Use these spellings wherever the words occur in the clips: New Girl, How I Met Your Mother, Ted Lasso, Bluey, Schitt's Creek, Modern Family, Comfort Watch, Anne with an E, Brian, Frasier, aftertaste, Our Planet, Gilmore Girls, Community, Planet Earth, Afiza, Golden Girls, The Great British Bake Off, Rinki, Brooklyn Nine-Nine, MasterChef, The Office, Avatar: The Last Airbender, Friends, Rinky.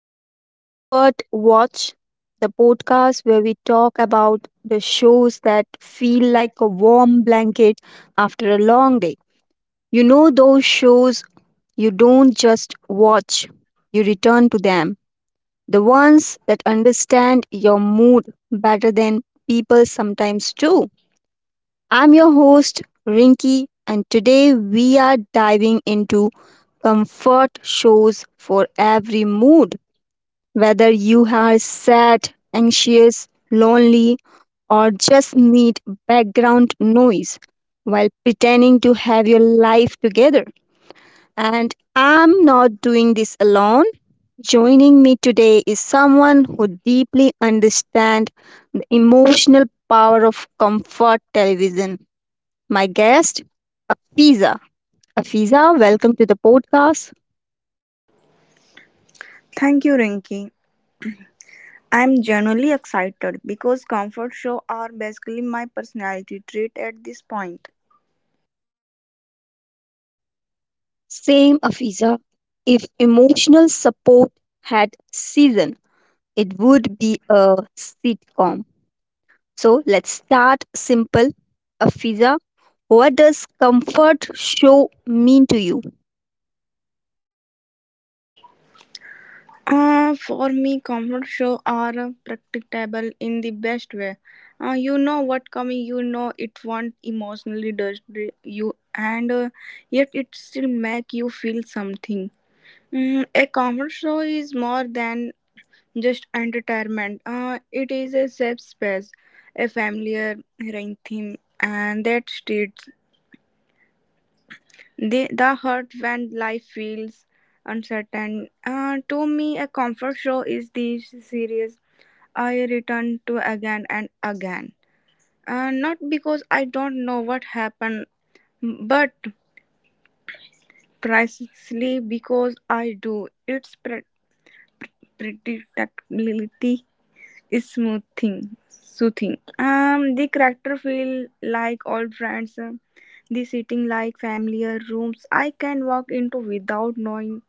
Welcome to Comfort Watch, the podcast where we talk about the shows that feel like a warm blanket after a long day. You know, those shows you don't just watch, you return to them. The ones that understand your mood better than people sometimes do. I'm your host, Rinky, and today we are diving into comfort shows for every mood. Whether you are sad, anxious, lonely, or just need background noise while pretending to have your life together. And I'm not doing this alone. Joining me today is someone who deeply understands the emotional power of comfort television. My guest, Afiza. Afiza, welcome to the podcast. Thank you, Rinki. I'm genuinely excited because comfort show are basically my personality trait at this point. Same, Afiza. If emotional support had season, it would be a sitcom. So let's start simple. Afiza, what does comfort show mean to you? For me, comfort show are practicable in the best way. You know what coming, you know it won't emotionally destroy you, and yet it still make you feel something. A comfort show is more than just entertainment. It is a safe space, a familiar rain theme, and that street. The hurt when life feels uncertain. To me, a comfort show is this series I return to again and again. Not because I don't know what happened, but precisely because I do. It's predictability is smoothing, soothing. The character feel like old friends. The sitting like familiar rooms I can walk into without knowing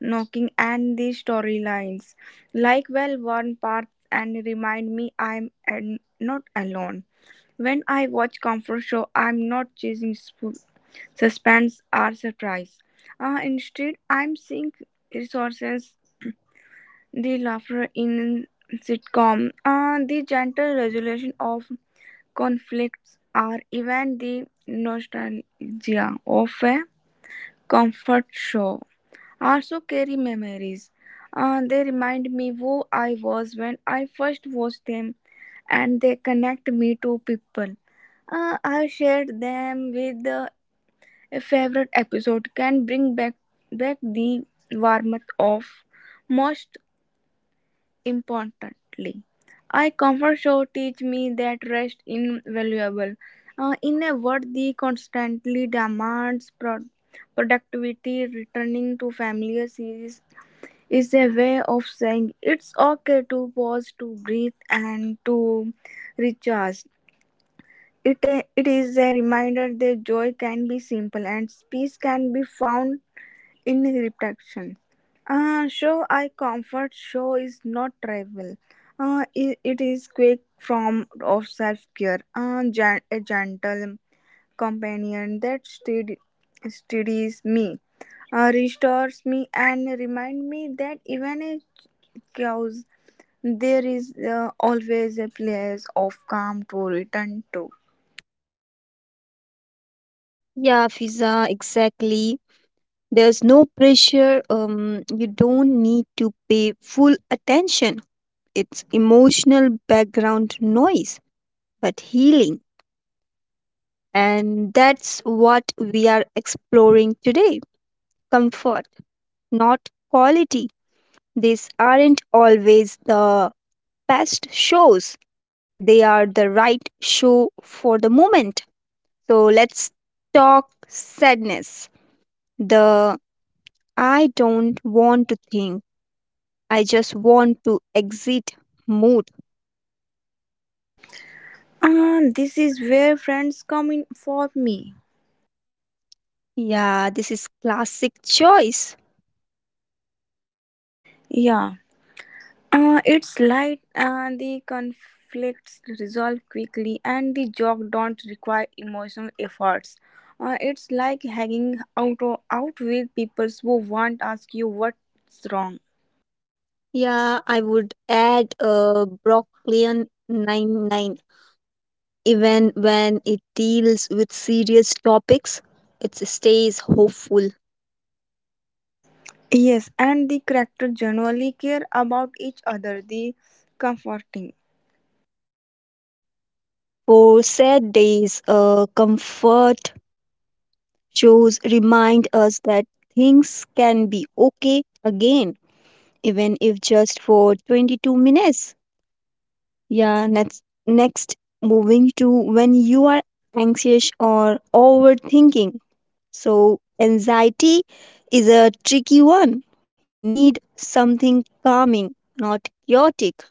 knocking and the storylines like well worn parts and remind me I'm not alone when I watch comfort show I'm not chasing suspense or surprise instead I'm seeing resources the laughter in sitcom the gentle resolution of conflicts or even the nostalgia of a comfort show also carry memories. They remind me who I was when I first watched them, and they connect me to people. I shared them with a favorite episode can bring back the warmth of most importantly. I comfort show teach me that rest invaluable. In a world that constantly demands productivity, returning to familiar series is a way of saying it's okay to pause, to breathe, and to recharge. It, it is a reminder that joy can be simple and peace can be found in reflection. Show I comfort show is not travel. It is quick form of self care. A gentle companion that steadies me, restores me, and remind me that even a chaos there is always a place of calm to return to. Yeah, Fiza, exactly. There's no pressure. You don't need to pay full attention. It's emotional background noise, but healing. And that's what we are exploring today, comfort, not quality. These aren't always the best shows, they are the right show for the moment. So let's talk sadness. The I don't want to think, I just want to exit mood. This is where friends come in for me. Yeah, this is classic choice. Yeah. It's light, the conflicts resolve quickly, and the joke don't require emotional efforts. It's like hanging out out with people who won't ask you what's wrong. Yeah, I would add a Brooklyn Nine Nine. Even when it deals with serious topics, it stays hopeful. Yes, and the characters generally care about each other. The comforting. For sad days, a comfort shows remind us that things can be okay again, even if just for 22 minutes. Yeah, next moving to when you are anxious or overthinking. So, anxiety is a tricky one. You need something calming, not chaotic.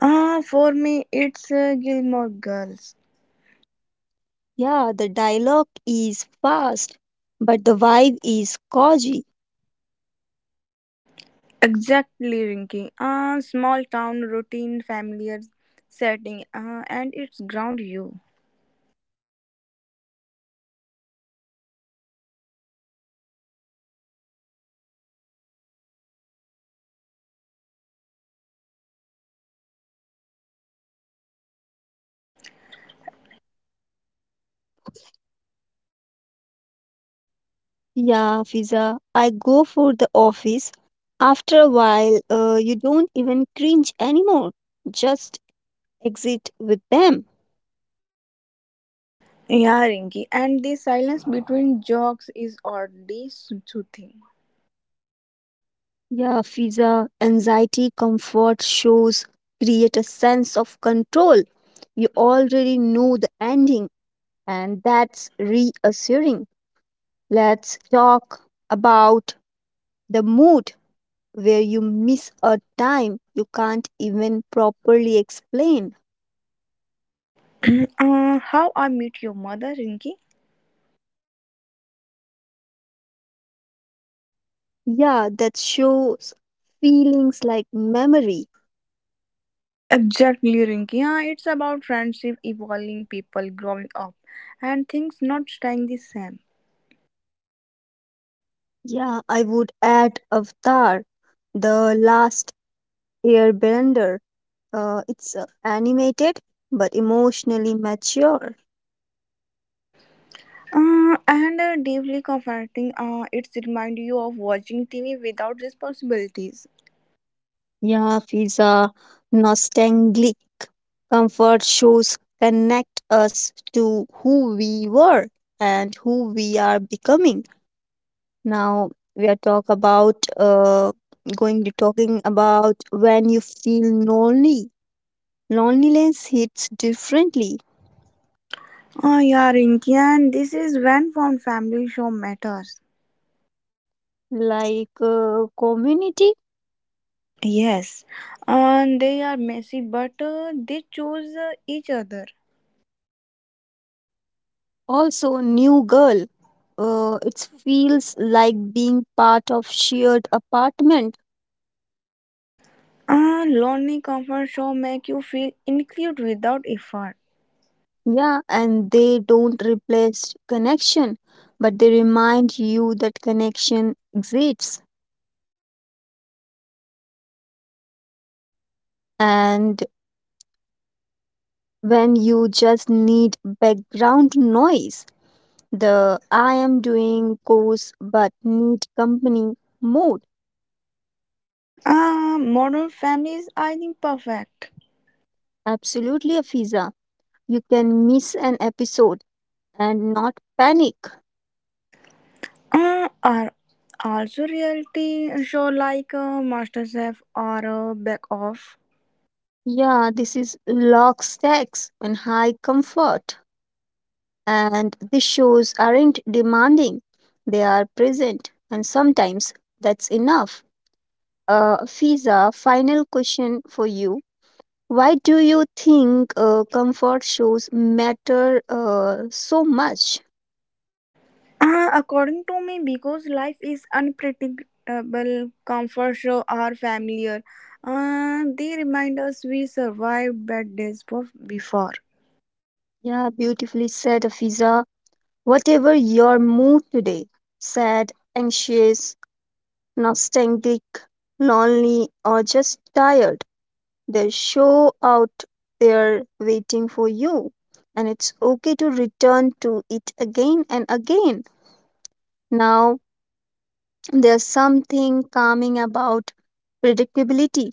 For me, it's Gilmore Girls. Yeah, the dialogue is fast, but the vibe is cozy. Exactly, Rinky. Ah, small town routine, familiar setting. Ah, and it's ground you. Yeah, Fiza, I go for the office. After a while, you don't even cringe anymore. Just exit with them. Yeah, Rinky. And the silence between jokes is oddly soothing. Yeah, Fiza, anxiety comfort shows create a sense of control. You already know the ending, and that's reassuring. Let's talk about the mood where you miss a time you can't even properly explain. Ah, how I met your mother, Rinky? Yeah, that shows feelings like memory. Exactly, Rinky. Ah, it's about friendship, evolving, people growing up, and things not staying the same. Yeah, I would add Avatar, the last airbender. It's animated but emotionally mature. And deeply comforting. It's remind you of watching TV without responsibilities. Yeah, feels nostalgic. Comfort shows connect us to who we were and who we are becoming. Now we are talk about going to talking about when you feel lonely, loneliness hits differently, Ah, yeah, Rinki, and this is when found family show matters. like community, Yes, and they are messy, but they choose each other. also new girl, it feels like being part of shared apartment. Ah, lonely comfort show make you feel included without effort. Yeah, and they don't replace connection, but they remind you that connection exists. And when you just need background noise, the I am doing course but need company mode. Ah, modern families, I think, perfect. Absolutely, Afiza. You can miss an episode and not panic. Are also reality show like MasterChef or Back Off. Yeah, this is lock stacks and high comfort. And the shows aren't demanding, they are present, and sometimes that's enough. Fiza, final question for you. Why do you think comfort shows matter so much? According to me, because life is unpredictable, comfort show are familiar. They remind us we survived bad days before. Yeah, beautifully said, Fiza. Whatever your mood today, sad, anxious, nostalgic, lonely, or just tired, they show out there waiting for you. And it's okay to return to it again and again. Now, there's something calming about predictability.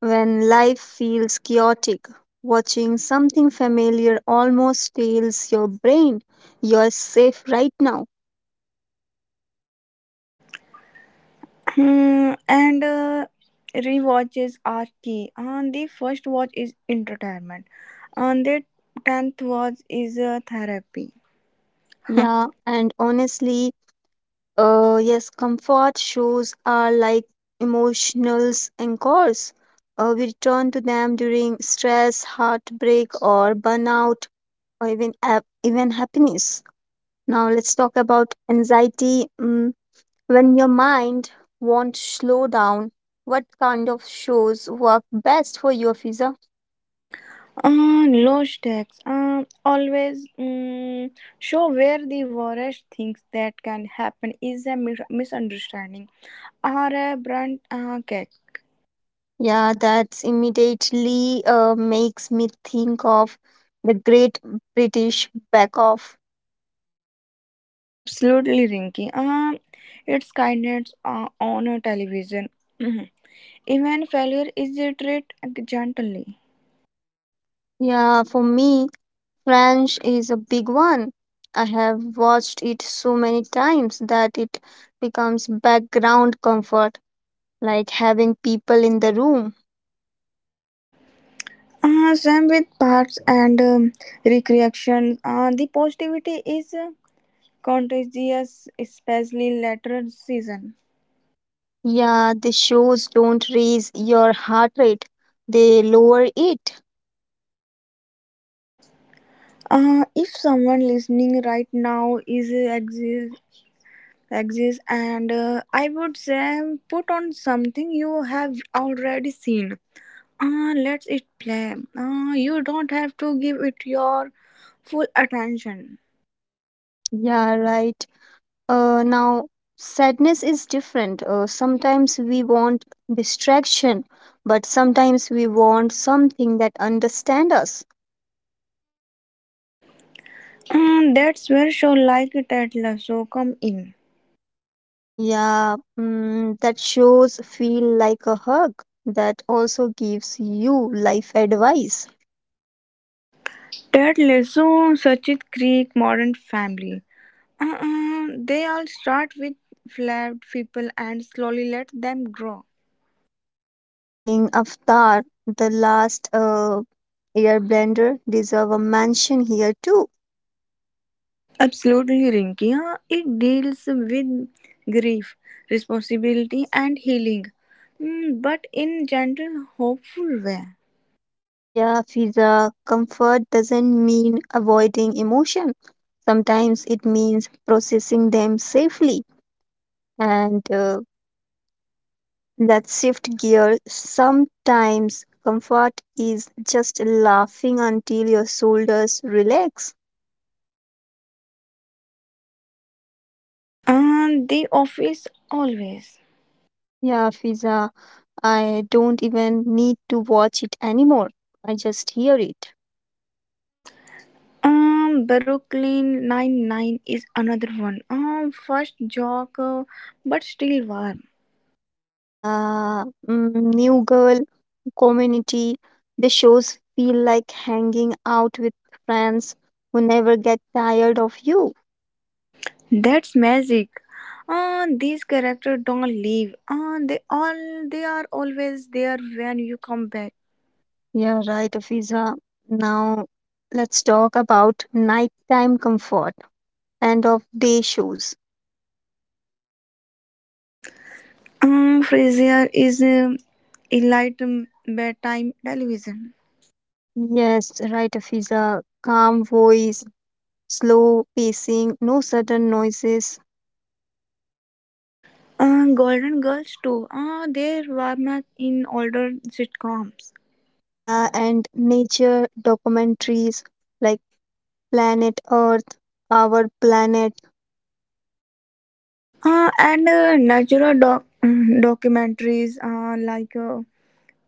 When life feels chaotic, watching something familiar almost tells your brain you're safe right now. And rewatches are key. And the first watch is entertainment. And the tenth watch is therapy. Yeah, and honestly, yes, comfort shows are like emotional anchors. We return to them during stress, heartbreak, or burnout, or even happiness. Now let's talk about anxiety. Mm, when your mind won't slow down, what kind of shows work best for you, Fiza? Uh, low stakes. Always show where the worst things that can happen is a misunderstanding. Or a Brunt cake. Yeah, that's immediately makes me think of the Great British Bake Off. Absolutely, Rinky. It's kindness on a television. Mhm. Even failure is treated gently. Yeah, for me. French is a big one. I have watched it so many times that it becomes background comfort, like having people in the room. Same with parts and recreation. The positivity is contagious, especially later season. Yeah, the shows don't raise your heart rate, they lower it. If someone listening right now is exists and I would say put on something you have already seen. Ah, let it play. Ah, you don't have to give it your full attention. Yeah, right. Now, sadness is different. Sometimes we want distraction, but sometimes we want something that understands us. Ah, that's where show like Ted Lasso come in. Yeah, mm, that shows feel like a hug that also gives you life advice. Ted Lasso, Sachit Creek, Modern Family. They all start with flawed people and slowly let them grow. I think Avatar, the last airbender, deserve a mention here too. Absolutely, Rinky. Ah, it deals with grief, responsibility, and healing, mm, but in gentle, hopeful way. Yeah, Fiza, comfort doesn't mean avoiding emotion. Sometimes it means processing them safely. And let's shift gear. Sometimes comfort is just laughing until your shoulders relax. Ah, the office always. Yeah, Fiza, I don't even need to watch it anymore. I just hear it. Brooklyn Nine-Nine is another one. First joke, but still warm. Yeah, mm, New Girl, Community, the shows feel like hanging out with friends who never get tired of you. That's magic. These characters don't leave. They are always there when you come back. Yeah, right, Fiza. Now let's talk about nighttime comfort, end of day shows. Frasier is elite bedtime television. Yes, right, Fiza. Calm voice, slow pacing, no sudden noises. Golden Girls too. They warm in older sitcoms. Yeah, and nature documentaries like Planet Earth, Our Planet, And natural documentaries like.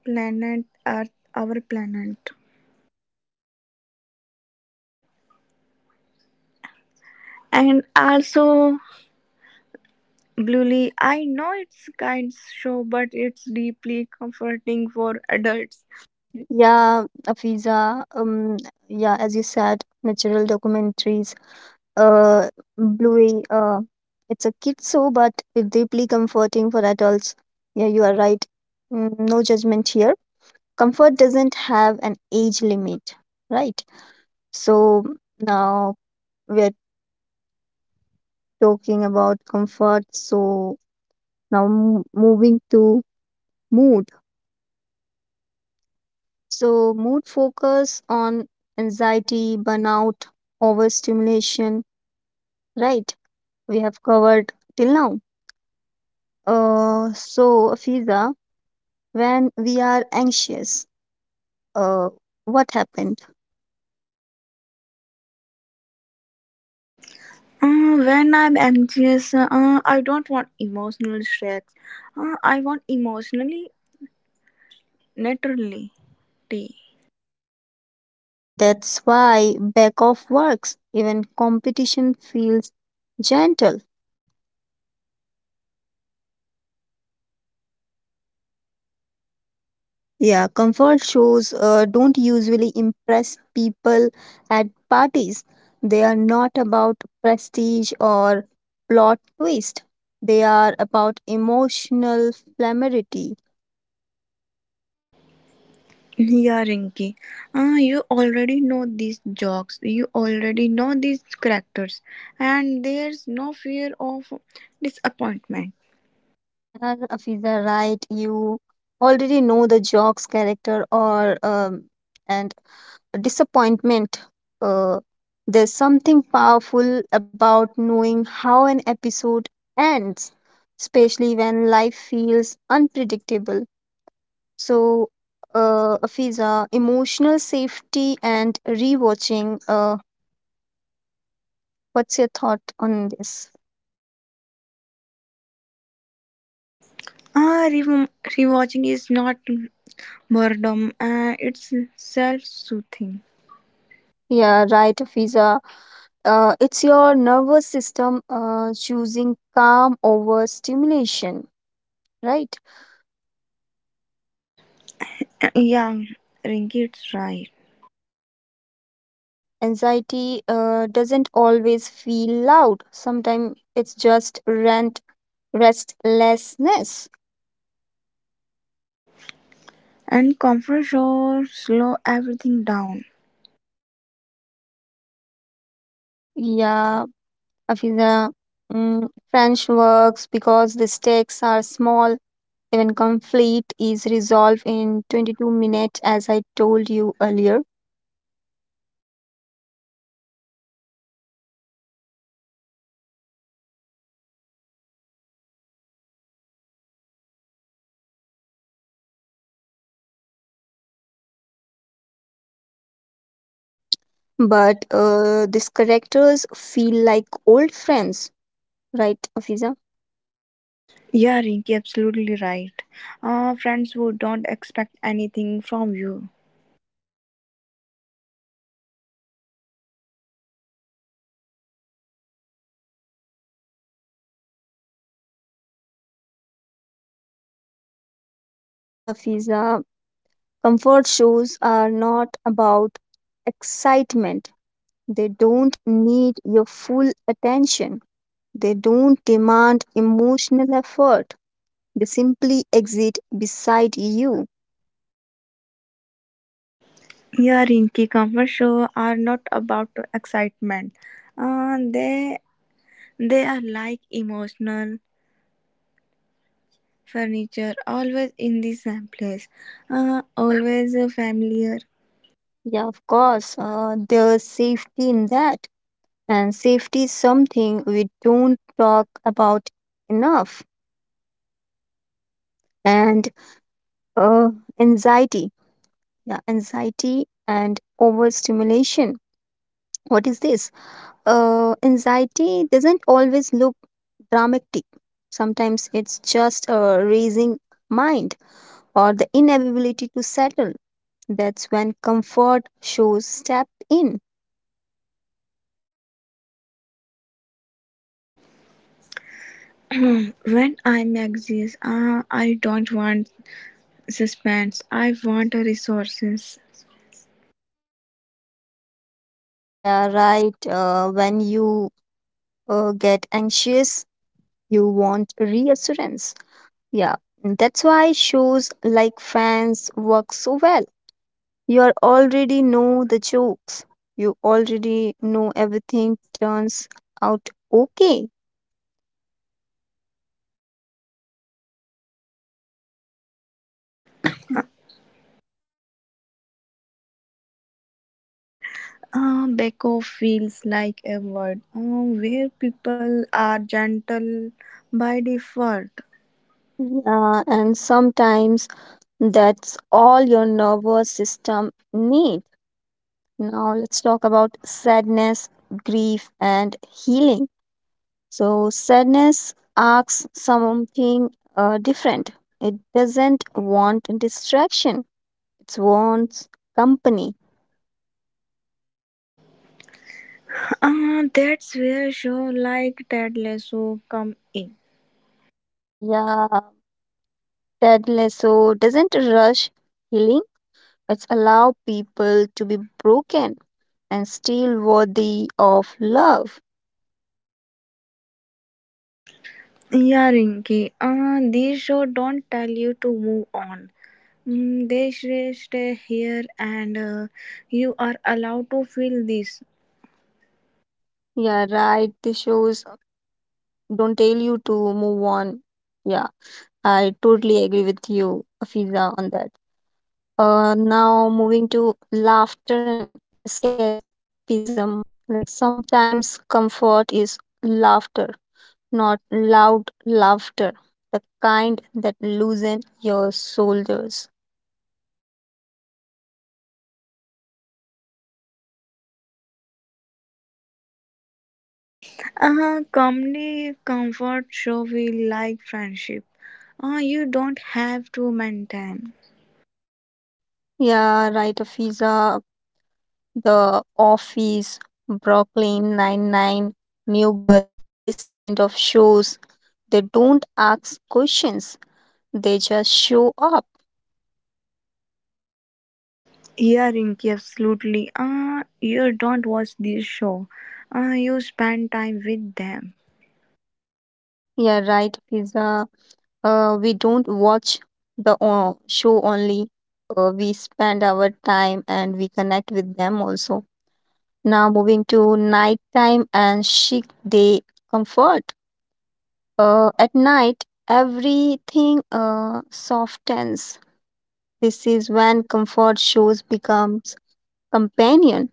Planet Earth, our planet. And also, Bluely, I know it's kids show, but it's deeply comforting for adults. yeah, Afiza, yeah, as you said, natural documentaries, uh, Bluey, it's a kid show, but it's deeply comforting for adults. Yeah, you are right. Mm, no judgment here. Comfort doesn't have an age limit, right? So now we are talking about comfort. So now moving to mood. So, mood focus on anxiety, burnout, overstimulation, right? We have covered till now. So, Fiza, when we are anxious, uh, what happened? When I'm anxious, I don't want emotional shacks. I want emotionally naturally. Yeah, that's why back off works. Even competition feels gentle. Yeah, comfort shows don't usually impress people at parties. They are not about prestige or plot twist. They are about emotional familiarity. Yeah, Rinky. You already know these jokes. You already know these characters, and there's no fear of disappointment. Yeah, Afiza, right. You already know the joke's character or and disappointment. Uh, there's something powerful about knowing how an episode ends, especially when life feels unpredictable. So, Afiza, emotional safety and rewatching. What's your thought on this? Ah, re- rewatching is not boredom, it's self soothing. Yeah, right, Afiza. It's your nervous system choosing calm over stimulation, right? Yeah, Rinky, it's right. Anxiety doesn't always feel loud. Sometimes it's just rent restlessness. And comfort shows slow everything down. Yeah, Afiza, mm, French works because the stakes are small. Even conflict is resolved in 22 minutes, as I told you earlier. But these characters feel like old friends, right, Afiza? Yeah, Rinky, absolutely right. Friends who don't expect anything from you. Yeah, Afiza. Comfort shows are not about excitement. They don't need your full attention. They don't demand emotional effort. They simply exist beside you. Yeah, Rinky, comfort shows are not about excitement. Uh, they they are like emotional furniture, always in the same place, always familiar. Yeah, of course, there's safety in that. And safety is something we don't talk about enough. And uh, anxiety. Yeah, anxiety and overstimulation. What is this? Anxiety doesn't always look dramatic. Sometimes it's just a raising mind or the inability to settle. That's when comfort shows step in. Hmm, when I'm anxious, I don't want suspense. I want a resources. Yeah, right. When you get anxious, you want reassurance. Yeah, that's why shows like Friends work so well. You are already know the jokes. You already know everything turns out okay. Beko feels like a word where people are gentle by default. Yeah, and sometimes that's all your nervous system need. Now let's talk about sadness, grief and healing. So sadness asks something different. It doesn't want distraction. It wants company. That's where show like Ted Lasso come in. Yeah, Ted Lasso doesn't rush healing. It's allow people to be broken and still worthy of love. Yeah, Rinky. These show don't tell you to move on. Mm, they say stay here, and you are allowed to feel this. Yeah, right. This shows don't tell you to move on. Yeah, I totally agree with you, Afiza, on that. Now moving to laughter and escapism. Like sometimes comfort is laughter, not loud laughter, the kind that loosen your shoulders. Comedy comfort show we like friendship. You don't have to maintain. Yeah, right, Afiza. The Office, Brooklyn Nine-Nine, New Girl, this kind of shows, they don't ask questions, they just show up. Yeah, Rinky, absolutely. You don't watch this show. You spend time with them. Yeah, right, Fiza. We don't watch the show only. We spend our time and we connect with them also. Now moving to nighttime and chic day comfort. At night, everything softens. This is when comfort shows becomes companion.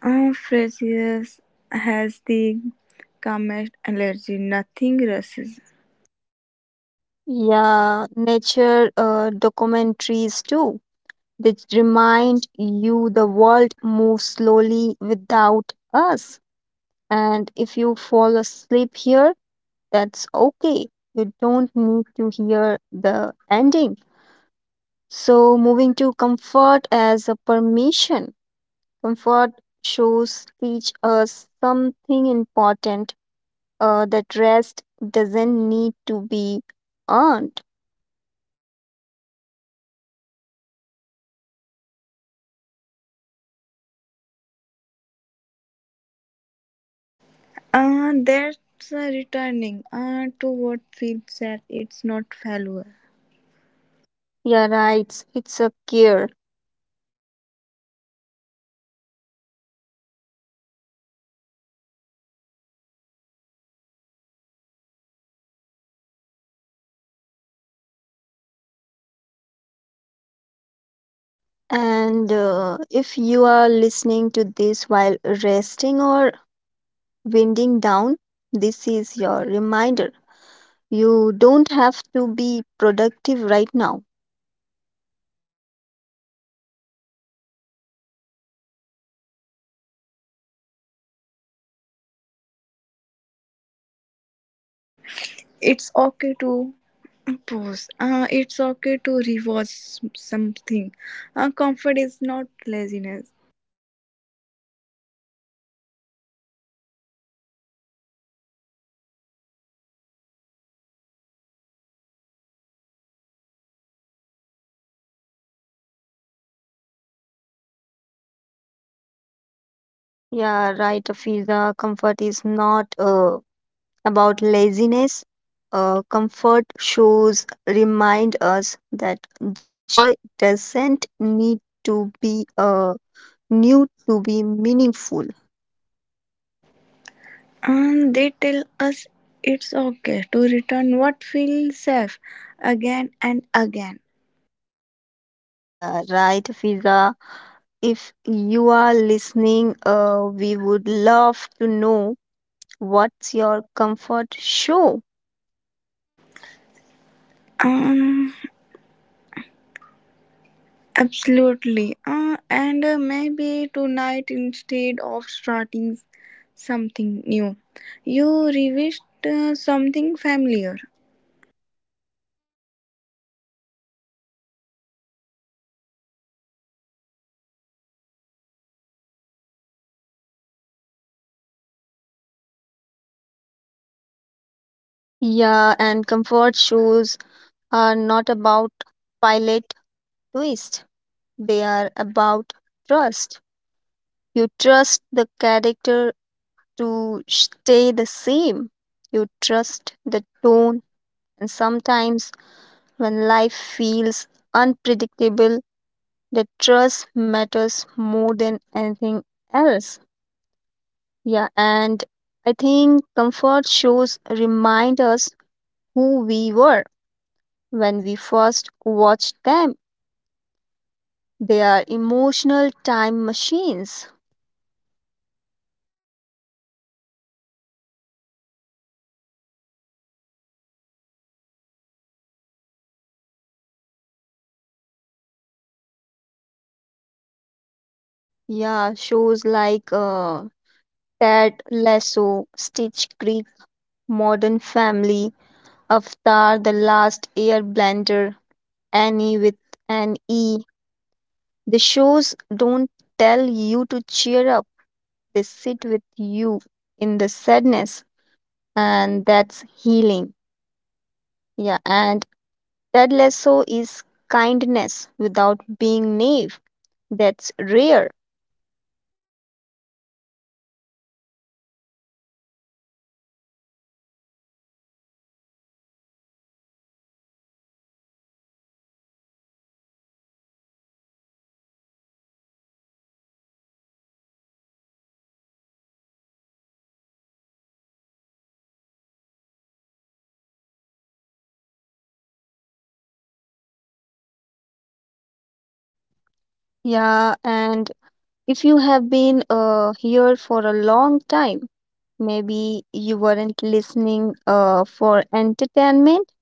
Precious has the comest allergy. Nothing rushes. Yeah, nature documentaries too. They remind you the world moves slowly without us. And if you fall asleep here, that's okay. You don't need to hear the ending. So, moving to comfort as a permission. Comfort shows teach us something important, that rest doesn't need to be earned. That's returning to what feels safe. It's not failure. Yeah, right. It's a care. And if you are listening to this while resting or winding down, this is your reminder. You don't have to be productive right now. It's okay to pause. It's okay to rewatch something, comfort is not laziness. Yeah, right, Afiza. Comfort is not about laziness. Comfort shows remind us that joy doesn't need to be new to be meaningful. And they tell us it's okay to return what feels safe again and again. Yeah, right, Fiza. If you are listening, we would love to know what's your comfort show. Um, absolutely. And maybe tonight, instead of starting something new, you revisit something familiar. Yeah, and comfort shows are not about pilot twist, they are about trust. You trust the character to stay the same, you trust the tone, and sometimes when life feels unpredictable, the trust matters more than anything else. Yeah, and I think comfort shows remind us who we were when we first watched them. They are emotional time machines. Yeah, shows like Ted Lasso, Stitch Creek, Modern Family, Avatar, The Last Airbender, Annie with an E. The shows don't tell you to cheer up, they sit with you in the sadness, and that's healing. Yeah, and that lasso is kindness without being naive. That's rare. Yeah, and if you have been here for a long time, maybe you weren't listening for entertainment,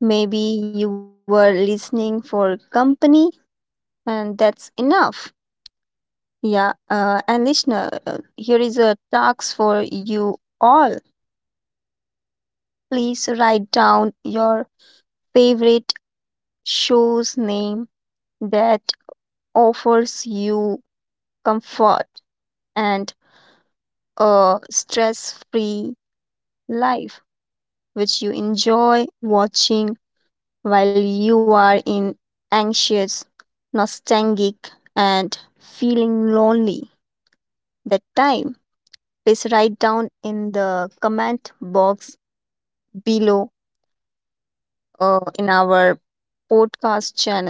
maybe you were listening for company, and that's enough. Yeah, and listener, here is a task for you all. Please write down your favorite show's name that offers you comfort and a stress free life which you enjoy watching while you are in anxious, nostalgic, and feeling lonely. That time, please write down in the comment box below in our podcast channel.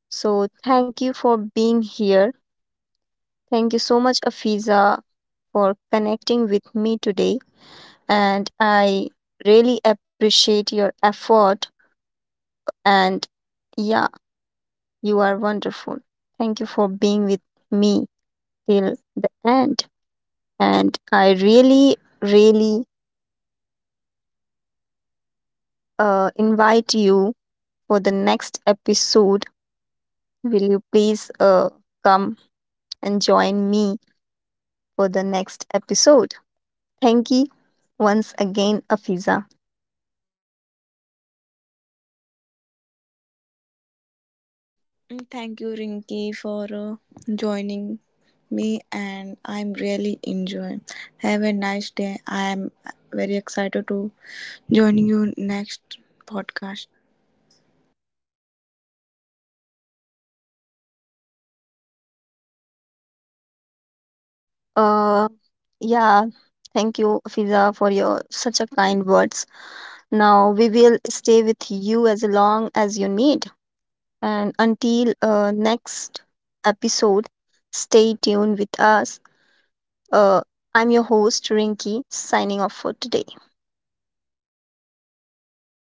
So, thank you for being here. Thank you so much, Afiza, for connecting with me today. And I really appreciate your effort. And yeah, you are wonderful. Thank you for being with me till the end. And I really, really invite you for the next episode. Will you please come and join me for the next episode? Thank you once again, Afiza. Mm, thank you, Rinky, for joining me, and I'm really enjoying. Have a nice day. I'm very excited to join you next podcast. Uh, yeah, thank you, Afiza, for your such a kind words. Now we will stay with you as long as you need. And until next episode, stay tuned with us. Uh, I'm your host, Rinky, signing off for today.